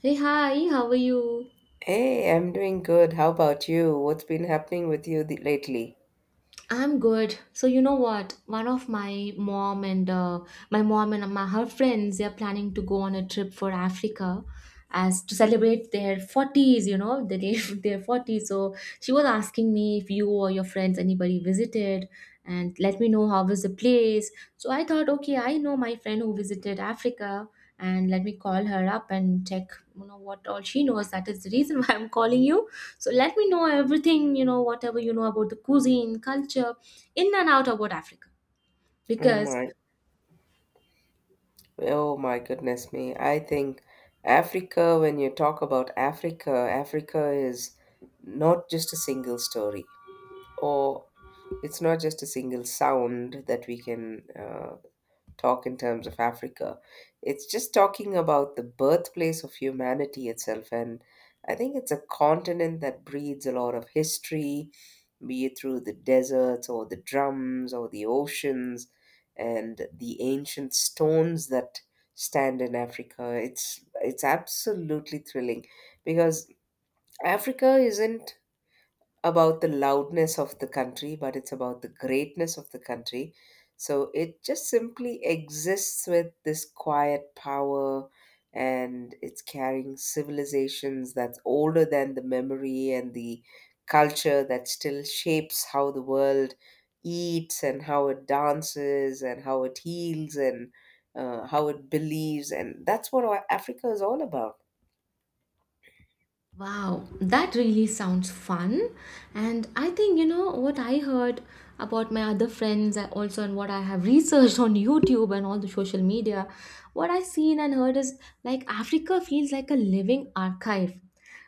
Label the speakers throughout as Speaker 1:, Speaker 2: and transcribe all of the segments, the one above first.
Speaker 1: Hey, hi, how are you?
Speaker 2: Hey, I'm doing good. How about you? What's been happening with you lately?
Speaker 1: I'm good. So you know what? One of my mom and my mom and my her friends they are planning to go on a trip for Africa as to celebrate their 40s, you know, the day their 40s. So she was asking me if you or your friends anybody visited and let me know how was the place. So I thought, okay, I know my friend who visited Africa, and let me call her up and check, you know, what all she knows. That is the reason why I'm calling you. So let me know everything, you know, whatever you know about the cuisine, culture, in and out about Africa.
Speaker 2: Oh
Speaker 1: Because
Speaker 2: my, oh my goodness me. I think Africa, when you talk about Africa, Africa is not just a single story, or it's not just a single sound that we can talk in terms of Africa. It's just talking about the birthplace of humanity itself. And I think it's a continent that breeds a lot of history, be it through the deserts or the drums or the oceans and the ancient stones that stand in Africa. It's absolutely thrilling because Africa isn't about the loudness of the country, but it's about the greatness of the country. So it just simply exists with this quiet power, and it's carrying civilizations that's older than the memory and the culture that still shapes how the world eats and how it dances and how it heals and how it believes. And that's what our Africa is all about.
Speaker 1: wow, that really sounds fun. And I think, you know, what I heard about my other friends also and what I have researched on YouTube and all the social media, what I've seen and heard is like Africa feels like a living archive.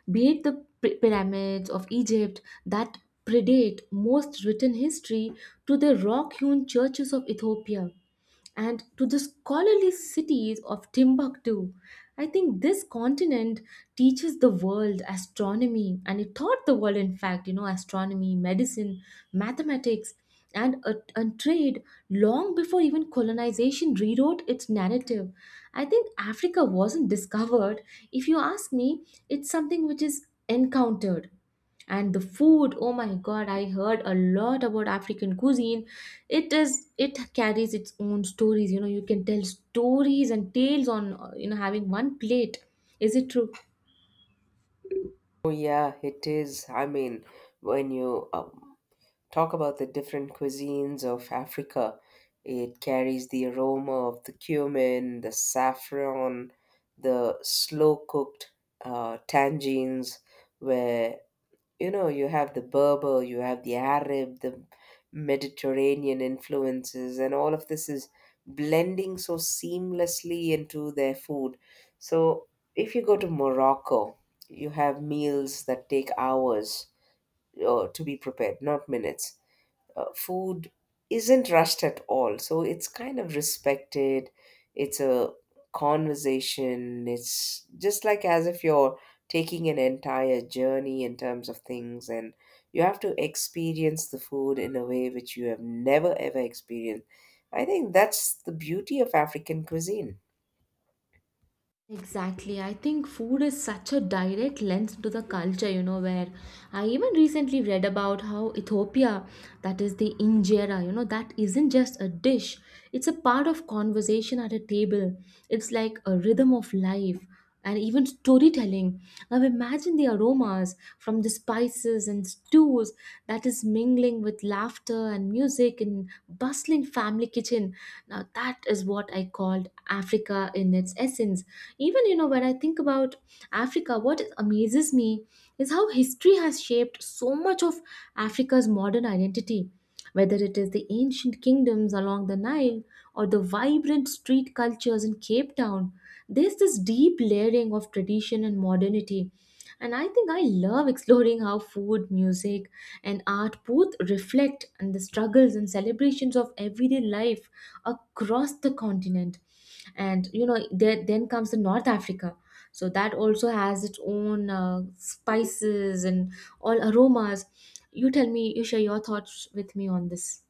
Speaker 1: Be it the pyramids of Egypt that predate most written history, to the rock hewn churches of Ethiopia and to the scholarly cities of Timbuktu. I think this continent teaches the world astronomy, and it taught the world, in fact, you know, astronomy, medicine, mathematics, and trade long before even colonization rewrote its narrative. I think Africa wasn't discovered. If you ask me, it's something which is encountered. And the food, oh my god, I heard a lot about African cuisine. It is, it carries its own stories, you know. You can tell stories and tales on, you know, having one plate. Is it true?
Speaker 2: Oh, yeah, it is. I mean, when you talk about the different cuisines of Africa. It carries the aroma of the cumin, the saffron, the slow cooked tangines, where you know you have the Berber, you have the Arab, the Mediterranean influences, and all of this is blending so seamlessly into their food. So, if you go to Morocco, you have meals that take hours to be prepared, not minutes food isn't rushed at all. So it's kind of respected. It's a conversation. It's just like as if you're taking an entire journey in terms of things, and you have to experience the food in a way which you have never ever experienced. I think that's the beauty of African cuisine.
Speaker 1: Exactly. I think food is such a direct lens to the culture, you know, where I even recently read about how Ethiopia, that is the injera, you know, that isn't just a dish, it's a part of conversation at a table. It's like a rhythm of life and even storytelling. Now imagine the aromas from the spices and stews that is mingling with laughter and music in bustling family kitchen. Now that is what I called Africa in its essence. Even, you know, when I think about Africa, what amazes me is how history has shaped so much of Africa's modern identity. Whether it is the ancient kingdoms along the Nile or the vibrant street cultures in Cape Town, there's this deep layering of tradition and modernity. And I think I love exploring how food, music, and art both reflect and the struggles and celebrations of everyday life across the continent. And you know, there then comes the North Africa. So that also has its own spices and all aromas. You tell me, you share your thoughts with me on this.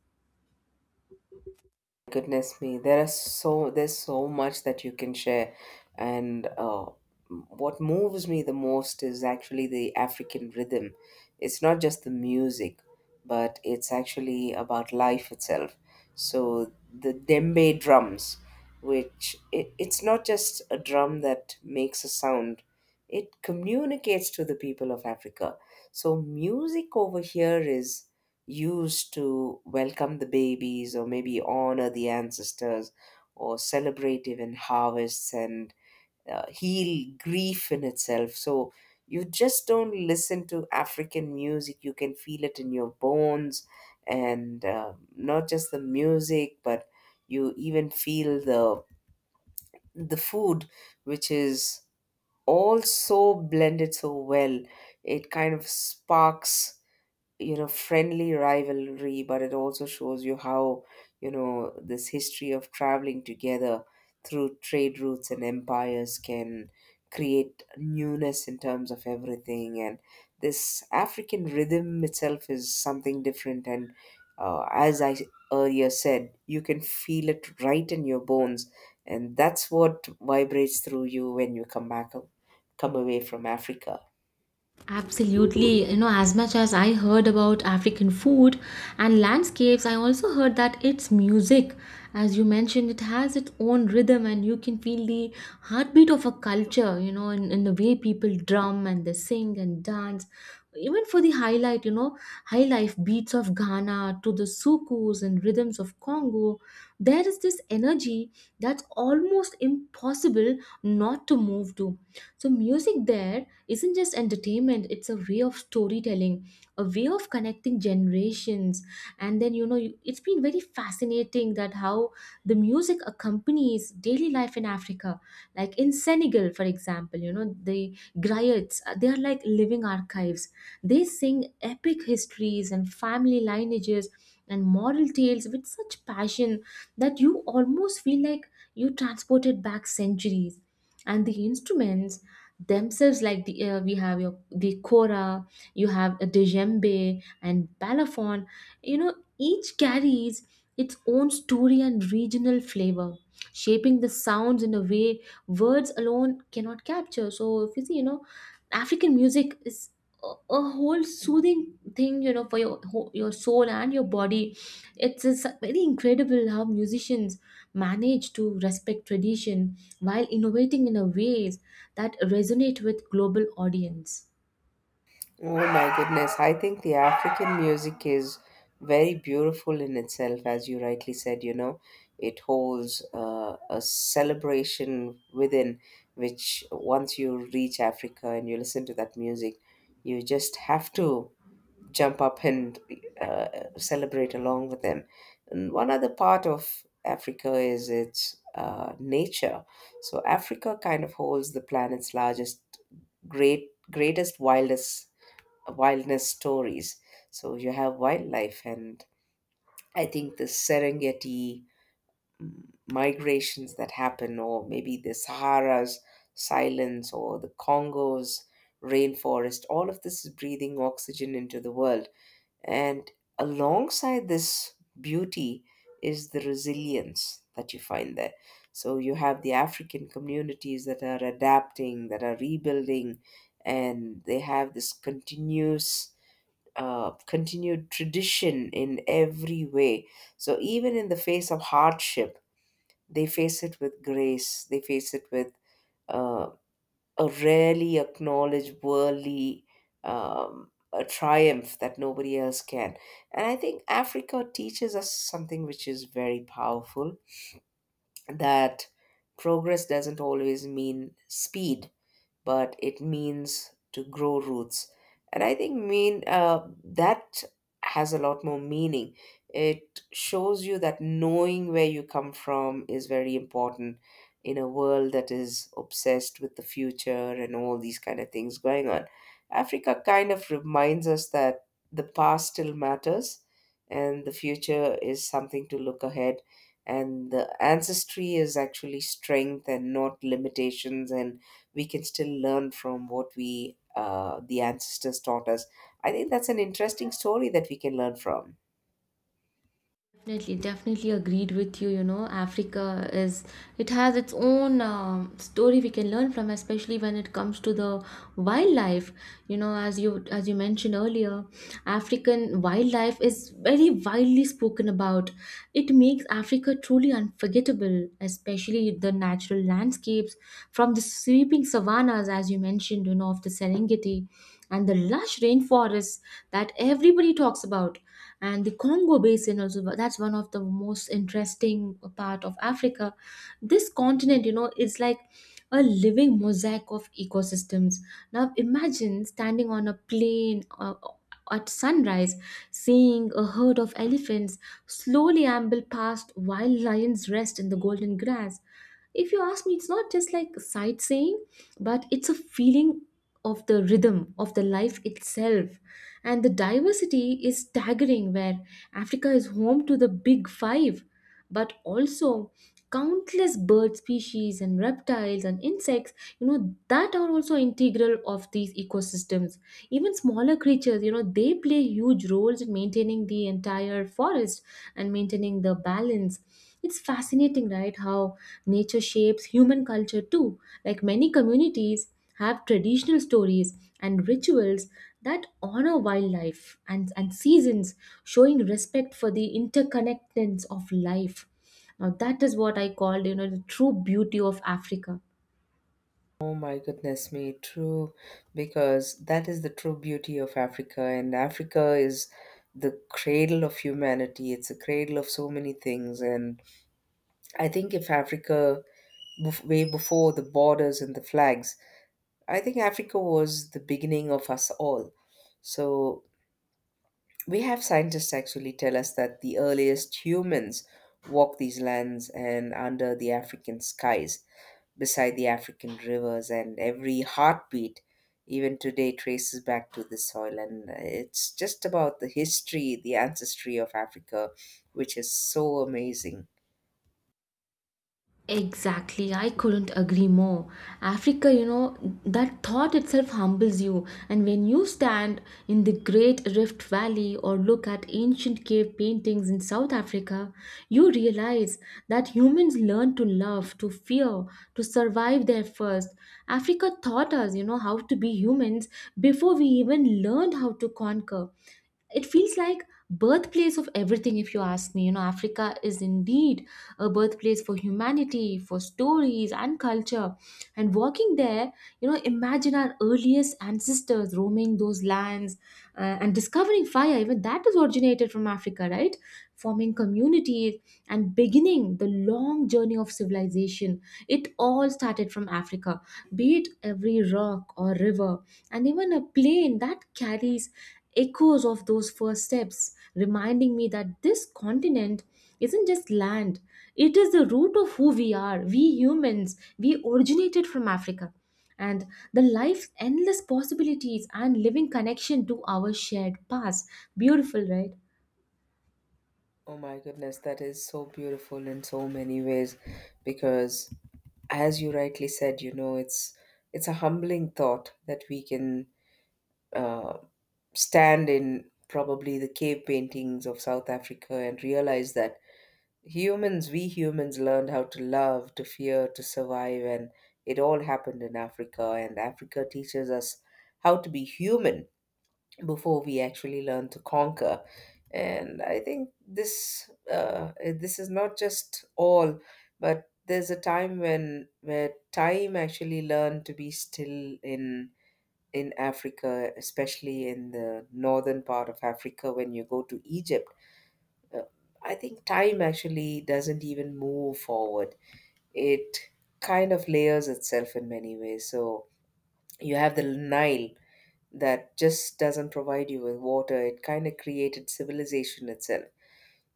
Speaker 2: Goodness me, there's so much that you can share, and what moves me the most is actually the African rhythm. It's not just the music, but it's actually about life itself. So the djembe drums, which it's not just a drum that makes a sound, it communicates to the people of Africa. So music over here is used to welcome the babies or maybe honor the ancestors or celebrate even harvests and heal grief in itself. So you just don't listen to African music, you can feel it in your bones, and not just the music, but you even feel the food, which is also blended so well. It kind of sparks, you know, friendly rivalry, but it also shows you how, you know, this history of traveling together through trade routes and empires can create newness in terms of everything. And this African rhythm itself is something different, and as I earlier said, you can feel it right in your bones, and that's what vibrates through you when you come away from Africa.
Speaker 1: Absolutely. You know, as much as I heard about African food and landscapes, I also heard that its music, as you mentioned, it has its own rhythm and you can feel the heartbeat of a culture, you know, in the way people drum and they sing and dance. Even for the highlight, you know, high life beats of Ghana to the sukus and rhythms of Congo, there is this energy that's almost impossible not to move to. So, music there isn't just entertainment, it's a way of storytelling, a way of connecting generations. And then you know it's been very fascinating that how the music accompanies daily life in Africa. Like in Senegal, for example, you know, the griots, they are like living archives. They sing epic histories and family lineages and moral tales with such passion that you almost feel like you transported back centuries. And the instruments themselves, like the we have your the kora, you have a djembe and balafon, you know, each carries its own story and regional flavor, shaping the sounds in a way words alone cannot capture. So if you see, you know, African music is a a whole soothing thing, you know, for your your soul and your body. It's very incredible how musicians manage to respect tradition while innovating in a ways that resonate with global audience.
Speaker 2: Oh my goodness, I think the African music is very beautiful in itself, as you rightly said, you know. It holds a celebration within, which once you reach Africa and you listen to that music, you just have to jump up and uh, celebrate along with them. And one other part of Africa is its nature. So, Africa kind of holds the planet's largest great greatest wildest wilderness stories. So you have wildlife, and I think the Serengeti mm, migrations that happen, or maybe the Sahara's silence, or the Congo's rainforest, all of this is breathing oxygen into the world. And alongside this beauty is the resilience that you find there. So you have the African communities that are adapting, that are rebuilding, and they have this continuous continued tradition in every way. So even in the face of hardship, they face it with grace. They face it with uh, a rarely acknowledged worldly a triumph that nobody else can. And I think Africa teaches us something which is very powerful, that progress doesn't always mean speed, but it means to grow roots. And I think mean that has a lot more meaning. It shows you that knowing where you come from is very important in a world that is obsessed with the future and all these kind of things going on. Africa kind of reminds us that the past still matters, and the future is something to look ahead, and the ancestry is actually strength and not limitations, and we can still learn from what we the ancestors taught us. I think that's an interesting story that we can learn from.
Speaker 1: Definitely, definitely agreed with you. You know, Africa is, it has its own story we can learn from, especially when it comes to the wildlife. You know, as you mentioned earlier, African wildlife is very widely spoken about. It makes Africa truly unforgettable, especially the natural landscapes from the sweeping savannas, as you mentioned, you know, of the Serengeti and the lush rainforests that everybody talks about, and the Congo basin also. That's one of the most interesting part of Africa. This continent, you know, is like a living mosaic of ecosystems. Now imagine standing on a plane, at sunrise, seeing a herd of elephants slowly amble past while lions rest in the golden grass. If you ask me, it's not just like sightseeing, but it's a feeling of the rhythm of the life itself. And the diversity is staggering, where Africa is home to the big five, but also countless bird species and reptiles and insects, you know, that are also integral of these ecosystems. Even smaller creatures, you know, they play huge roles in maintaining the entire forest and maintaining the balance. It's fascinating, right, how nature shapes human culture too. Like many communities have traditional stories and rituals that honor wildlife and seasons, showing respect for the interconnectedness of life. Now that is what I called, you know, the true beauty of Africa.
Speaker 2: Oh my goodness me, true, because that is the true beauty of Africa, and Africa is the cradle of humanity. It's a cradle of so many things, and I think if Africa, bef- way before the borders and the flags, I think Africa was the beginning of us all. So we have scientists actually tell us that the earliest humans walked these lands, and under the African skies, beside the African rivers, and every heartbeat, even today, traces back to this soil. And it's just about the history, the ancestry of Africa, which is so amazing.
Speaker 1: Exactly, I couldn't agree more. Africa, you know, that thought itself humbles you. And when you stand in the Great Rift Valley or look at ancient cave paintings in South Africa, you realize that humans learn to love, to fear, to survive there first. Africa taught us, you know, how to be humans before we even learned how to conquer. It feels like birthplace of everything. If you ask me, you know, Africa is indeed a birthplace for humanity, for stories and culture. And walking there, you know, imagine our earliest ancestors roaming those lands, and discovering fire, even that is originated from Africa, right? Forming communities and beginning the long journey of civilization. It all started from Africa, be it every rock or river and even a plane that carries echoes of those first steps, reminding me that this continent isn't just land, it is the root of who we are. We humans, we originated from Africa. And the life's endless possibilities and living connection to our shared past. Beautiful, right?
Speaker 2: Oh my goodness, that is so beautiful in so many ways because, as you rightly said, you know, it's a humbling thought that we can uh, stand in probably the cave paintings of South Africa and realize that humans, we humans, learned how to love, to fear, to survive, and it all happened in Africa. And Africa teaches us how to be human before we actually learn to conquer. And I think this is not just all, but there's a time when where time actually learned to be still in Africa, especially in the northern part of Africa, when you go to Egypt. uh, I think time actually doesn't even move forward. It kind of layers itself in many ways. So you have the Nile that just doesn't provide you with water, it kind of created civilization itself.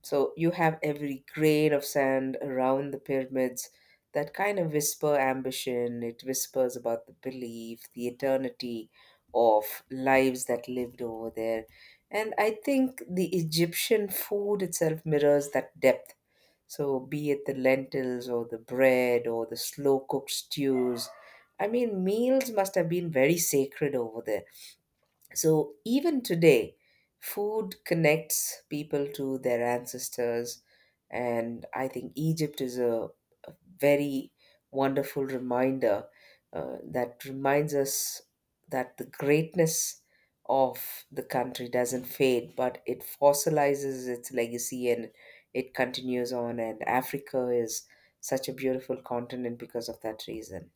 Speaker 2: So you have every grain of sand around the pyramids that kind of whisper ambition. It whispers about the belief, the eternity of lives that lived over there. And I think the Egyptian food itself mirrors that depth. So be it the lentils or the bread or the slow cooked stews. I mean, meals must have been very sacred over there. So even today, food connects people to their ancestors. And I think Egypt is a very wonderful reminder that reminds us that the greatness of the country doesn't fade, but it fossilizes its legacy and it continues on. And Africa is such a beautiful continent because of that reason.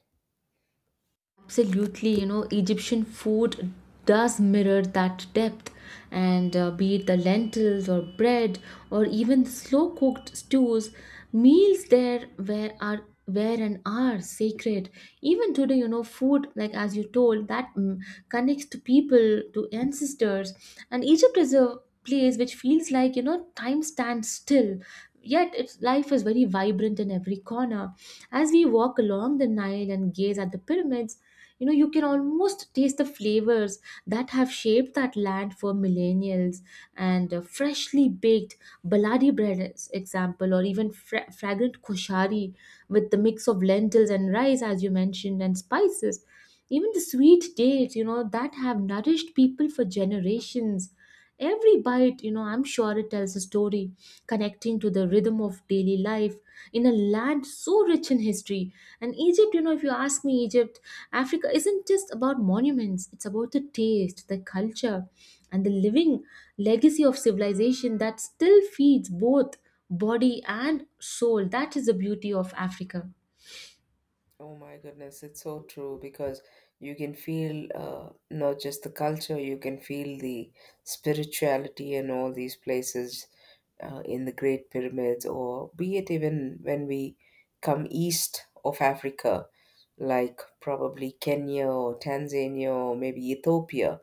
Speaker 1: Absolutely, you know, Egyptian food does mirror that depth, and be it the lentils or bread or even slow cooked stews, meals there where are where and are sacred. Even today, you know, food like as you told that, mm, connects to people, to ancestors. And Egypt is a place which feels like, you know, time stands still. Yet its life is very vibrant in every corner. As we walk along the Nile and gaze at the pyramids, you know, you can almost taste the flavors that have shaped that land for millennials, and freshly baked baladi bread is example, or even fragrant koshari with the mix of lentils and rice, as you mentioned, and spices, even the sweet dates, you know, that have nourished people for generations. Every bite, you know, I'm sure it tells a story, connecting to the rhythm of daily life in a land so rich in history. And Egypt, you know, if you ask me, Egypt, Africa isn't just about monuments, it's about the taste, the culture, and the living legacy of civilization that still feeds both body and soul. That is the beauty of Africa.
Speaker 2: Oh my goodness, it's so true because you can feel not just the culture, you can feel the spirituality in all these places, in the Great Pyramids, or be it even when we come east of Africa, like probably Kenya or Tanzania or maybe Ethiopia.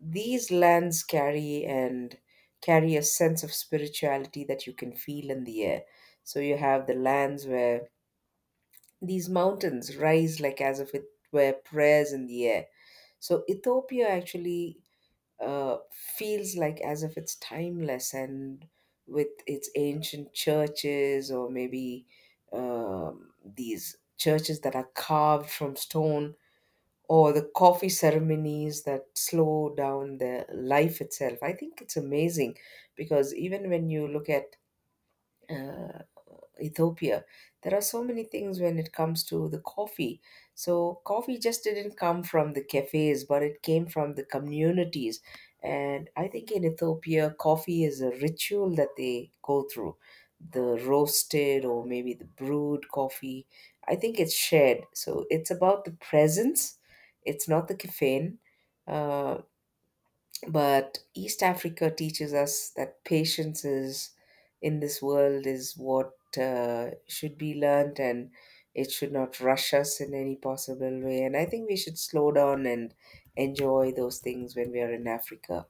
Speaker 2: These lands carry a sense of spirituality that you can feel in the air. So you have the lands where these mountains rise like as if it were prayers in the air. So Ethiopia actually feels like as if it's timeless, and with its ancient churches, or maybe these churches that are carved from stone, or the coffee ceremonies that slow down the life itself. I think it's amazing because even when you look at uh, Ethiopia. There are so many things when it comes to the coffee. So, coffee just didn't come from the cafes, but it came from the communities. And I think in Ethiopia, coffee is a ritual that they go through. The roasted or maybe the brewed coffee. I think it's shared. So, it's about the presence, it's not the caffeine. Uh, but East Africa teaches us that patience is in this world is what should be learned, and it should not rush us in any possible way. And I think we should slow down and enjoy those things when we are in Africa.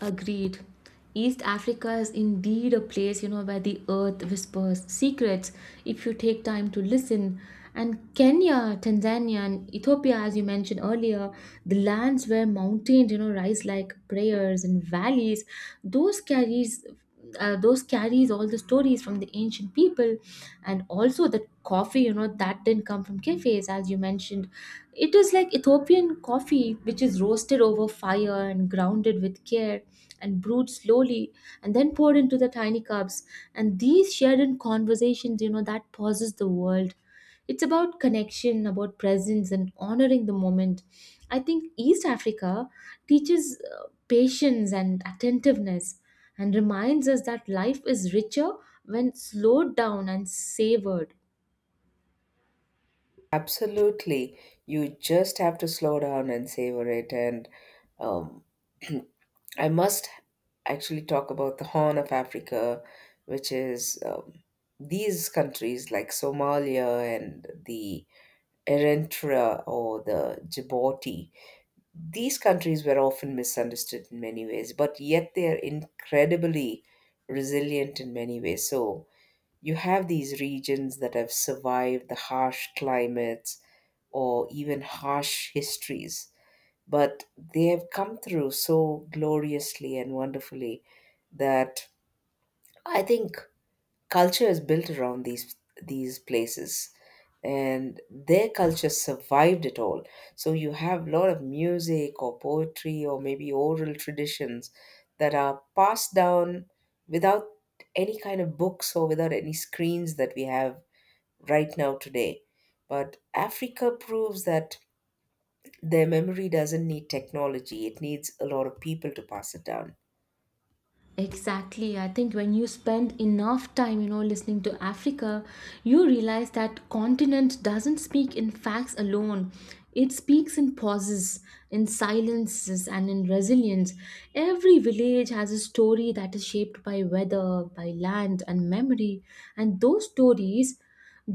Speaker 1: Agreed. East Africa is indeed a place, you know, where the earth whispers secrets if you take time to listen. And Kenya, Tanzania, and Ethiopia, as you mentioned earlier, the lands where mountains, you know, rise like prayers and valleys, those carries those carries all the stories from the ancient people. And also the coffee, you know, that didn't come from cafes, as you mentioned. It is like Ethiopian coffee, which is roasted over fire and grounded with care and brewed slowly and then poured into the tiny cups, and these shared in conversations, you know, that pauses the world. It's about connection, about presence, and honoring the moment. I think East Africa teaches patience and attentiveness and reminds us that life is richer when slowed down and savored.
Speaker 2: Absolutely. You just have to slow down and savor it, and um, I must actually talk about the Horn of Africa, which is these countries like Somalia and the Eritrea or the Djibouti. These countries were often misunderstood in many ways, but yet they are incredibly resilient in many ways. So you have these regions that have survived the harsh climates or even harsh histories, but they have come through so gloriously and wonderfully that I think culture is built around these places, and their culture survived it all. So you have a lot of music or poetry or maybe oral traditions that are passed down without any kind of books or without any screens that we have right now today. But Africa proves that their memory doesn't need technology, it needs a lot of people to pass it down.
Speaker 1: Exactly. I think when you spend enough time, you know, listening to Africa, you realize that continent doesn't speak in facts alone. It speaks in pauses, in silences, and in resilience. Every village has a story that is shaped by weather, by land, and memory. And those stories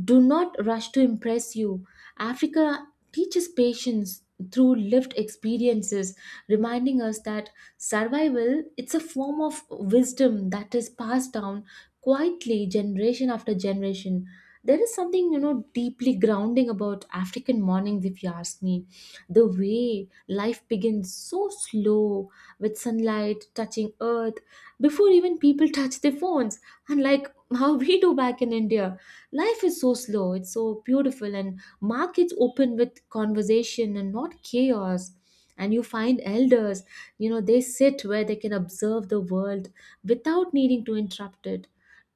Speaker 1: do not rush to impress you. Africa teaches patience through lived experiences, reminding us that survival it's a form of wisdom that is passed down quietly generation after generation. There is something, you know, deeply grounding about African mornings, if you ask me. The way life begins so slow with sunlight touching earth before even people touch their phones, unlike how we do back in India. Life is so slow, it's so beautiful, and markets open with conversation and not chaos. And you find elders, you know, they sit where they can observe the world without needing to interrupt it.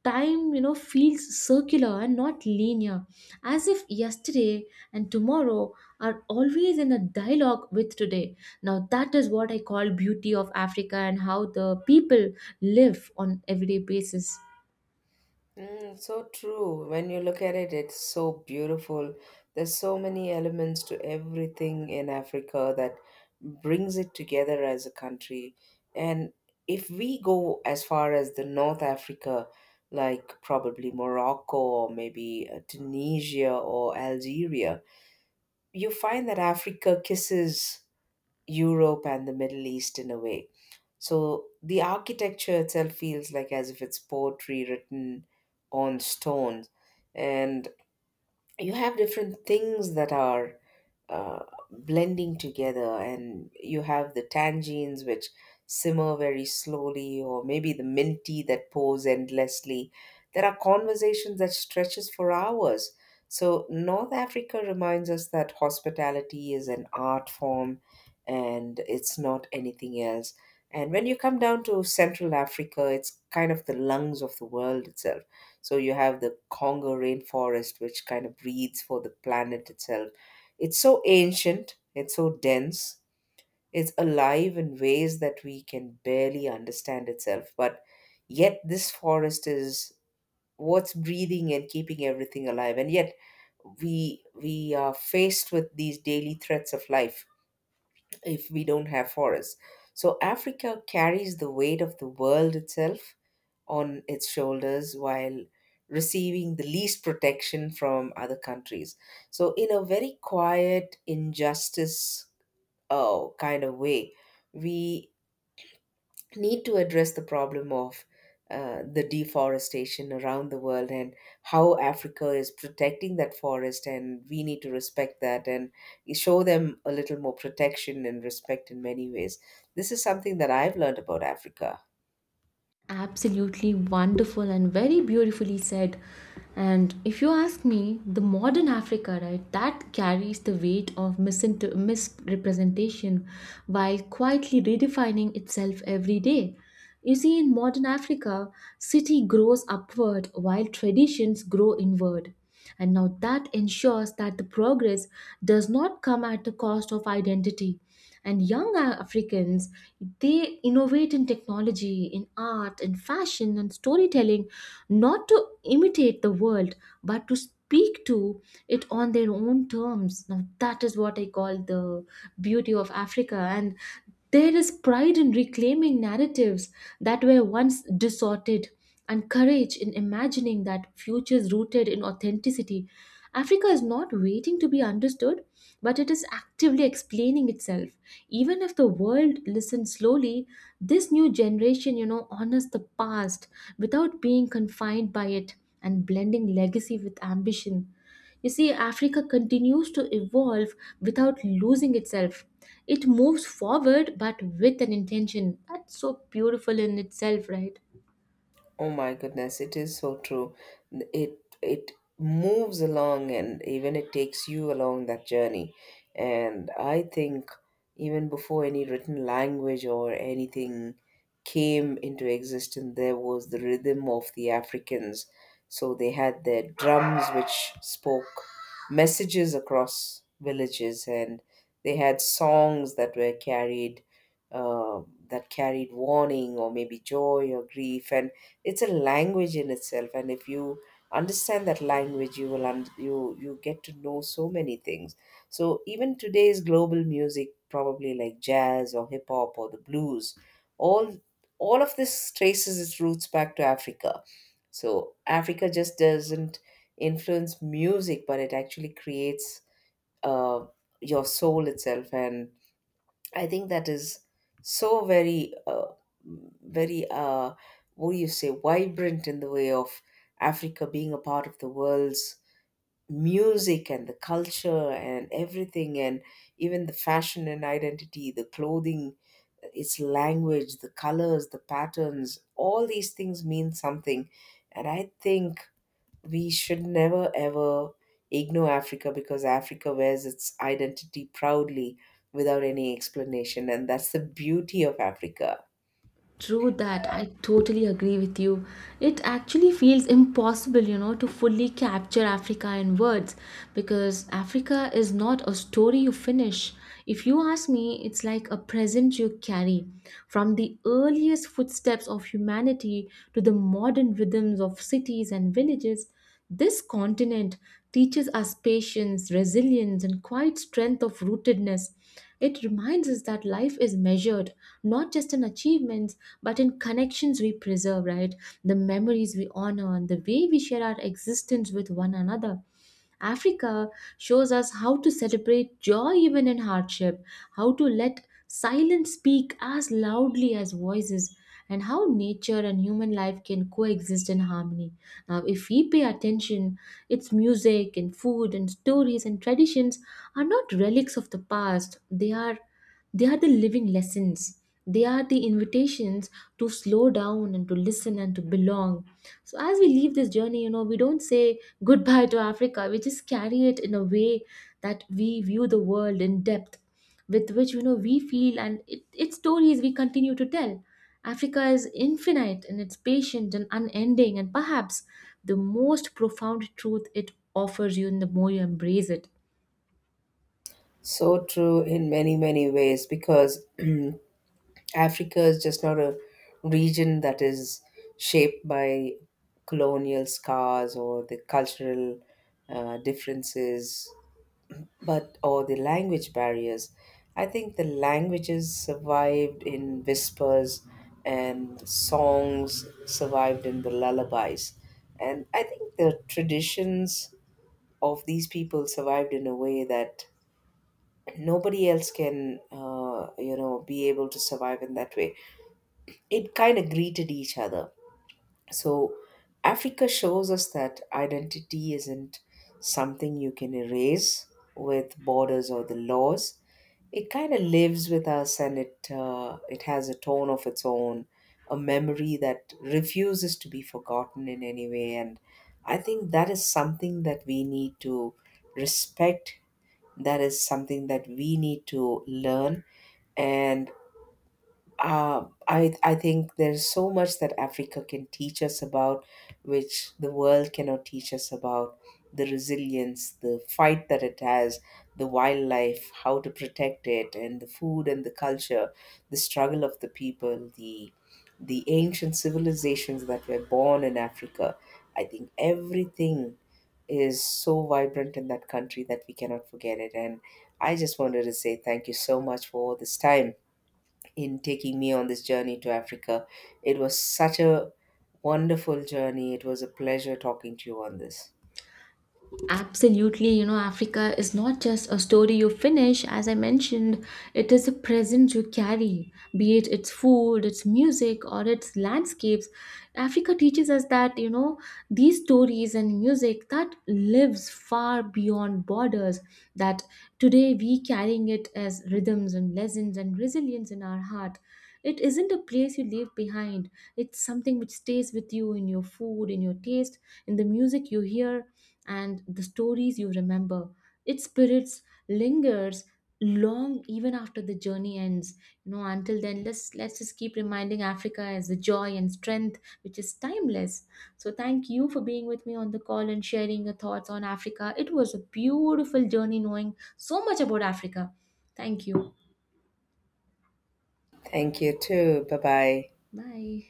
Speaker 1: Time, you know, feels circular and not linear, as if yesterday and tomorrow are always in a dialogue with today. Now, that is what I call beauty of Africa and how the people live on everyday basis.
Speaker 2: Mm, so true. When you look at it, it's so beautiful. There's so many elements to everything in Africa that brings it together as a country. And if we go as far as the North Africa, like probably Morocco or maybe Tunisia or Algeria, you find that Africa kisses Europe and the Middle East in a way, so the architecture itself feels like as if it's poetry written on stone. And you have different things that are uh, blending together, and you have the tangines which simmer very slowly, or maybe the minty that pours endlessly. There are conversations that stretches for hours. So North Africa reminds us that hospitality is an art form, and it's not anything else. And when you come down to Central Africa, it's kind of the lungs of the world itself. So you have the Congo rainforest, which kind of breathes for the planet itself. It's so ancient, it's so dense, it's alive in ways that we can barely understand itself. But yet, this forest is what's breathing and keeping everything alive. And yet, we are faced with these daily threats of life if we don't have forests. So Africa carries the weight of the world itself on its shoulders while receiving the least protection from other countries. So, in a very quiet, injustice kind of way, we need to address the problem of. The deforestation around the world and how Africa is protecting that forest, and we need to respect that and show them a little more protection and respect in many ways. This is something that I've learned about Africa.
Speaker 1: Absolutely wonderful and very beautifully said. And if you ask me, the modern Africa, right, that carries the weight of misrepresentation while quietly redefining itself every day. You see, in modern Africa, city grows upward while traditions grow inward. And now that ensures that the progress does not come at the cost of identity, and young Africans, they innovate in technology, in art, in fashion, and storytelling, not to imitate the world but to speak to it on their own terms. Now that is what I call the beauty of Africa. And there is pride in reclaiming narratives that were once distorted, and courage in imagining that futures rooted in authenticity. Africa is not waiting to be understood, but it is actively explaining itself. Even if the world listens slowly, this new generation, you know, honors the past without being confined by it, and blending legacy with ambition. You see, Africa continues to evolve without losing itself. It moves forward but with an intention. That's so beautiful in itself, right?
Speaker 2: Oh my goodness, it is so true. It moves along and even it takes you along that journey. And I think even before any written language or anything came into existence, there was the rhythm of the Africans. So they had their drums which spoke messages across villages, and they had songs that were carried uh, that carried warning or maybe joy or grief, and it's a language in itself. And if you understand that language, you will you get to know so many things. So even today's global music, probably like jazz or hip hop or the blues, all all of this traces its roots back to Africa. So Africa just doesn't influence music, but it actually creates uh, your soul itself. And I think that is so very, uh, what do you say, vibrant in the way of Africa being a part of the world's music and the culture and everything, and even the fashion and identity, the clothing, its language, the colors, the patterns, all these things mean something. And I think we should never ever ignore Africa, because Africa wears its identity proudly without any explanation. And that's the beauty of Africa.
Speaker 1: True that, I totally agree with you. It actually feels impossible, you know, to fully capture Africa in words because Africa is not a story you finish. If you ask me, it's like a present you carry from the earliest footsteps of humanity to the modern rhythms of cities and villages. This continent teaches us patience, resilience, and quiet strength of rootedness. It reminds us that life is measured not just in achievements but in connections we preserve, right? The memories we honor and the way we share our existence with one another. Africa shows us how to celebrate joy even in hardship, how to let silence speak as loudly as voices, and how nature and human life can coexist in harmony. Now, if we pay attention, its music and food and stories and traditions are not relics of the past. They are the living lessons. They are the invitations to slow down and to listen and to belong. So as we leave this journey, you know, we don't say goodbye to Africa. We just carry it in a way that we view the world in depth, with which, you know, we feel and it, its stories we continue to tell. Africa is infinite and it's patient and unending, and perhaps the most profound truth it offers you and the more you embrace it.
Speaker 2: So true in many, many ways, because Africa is just not a region that is shaped by colonial scars or the cultural differences, but or the language barriers. I think the languages survived in whispers and songs survived in the lullabies. And I think the traditions of these people survived in a way that nobody else can, you know, be able to survive in that way. It kind of greeted each other. So Africa shows us that identity isn't something you can erase with borders or the laws. It kind of lives with us, and it has a tone of its own, a memory that refuses to be forgotten in any way. And I think that is something that we need to respect. That is something that we need to learn. And I think there's so much that Africa can teach us about, which the world cannot teach us about. The resilience, the fight that it has, the wildlife, how to protect it, and the food and the culture, the struggle of the people, the ancient civilizations that were born in Africa. I think everything is so vibrant in that country that we cannot forget it. And I just wanted to say thank you so much for all this time in taking me on this journey to Africa. It was such a wonderful journey. It was a pleasure talking to you on this.
Speaker 1: Absolutely, you know, Africa is not just a story you finish, as I mentioned, it is a presence you carry, be it its food, its music, or its landscapes. Africa teaches us that, you know, these stories and music that lives far beyond borders, that today we carrying it as rhythms and lessons and resilience in our heart. It isn't a place you leave behind. It's something which stays with you in your food, in your taste, in the music you hear, and the stories you remember. Its spirits lingers long even after the journey ends. You know, until then, let's just keep reminding Africa as the joy and strength which is timeless. So thank you for being with me on the call and sharing your thoughts on Africa. It was a beautiful journey knowing so much about Africa. Thank you.
Speaker 2: Thank you too. Bye bye.
Speaker 1: Bye.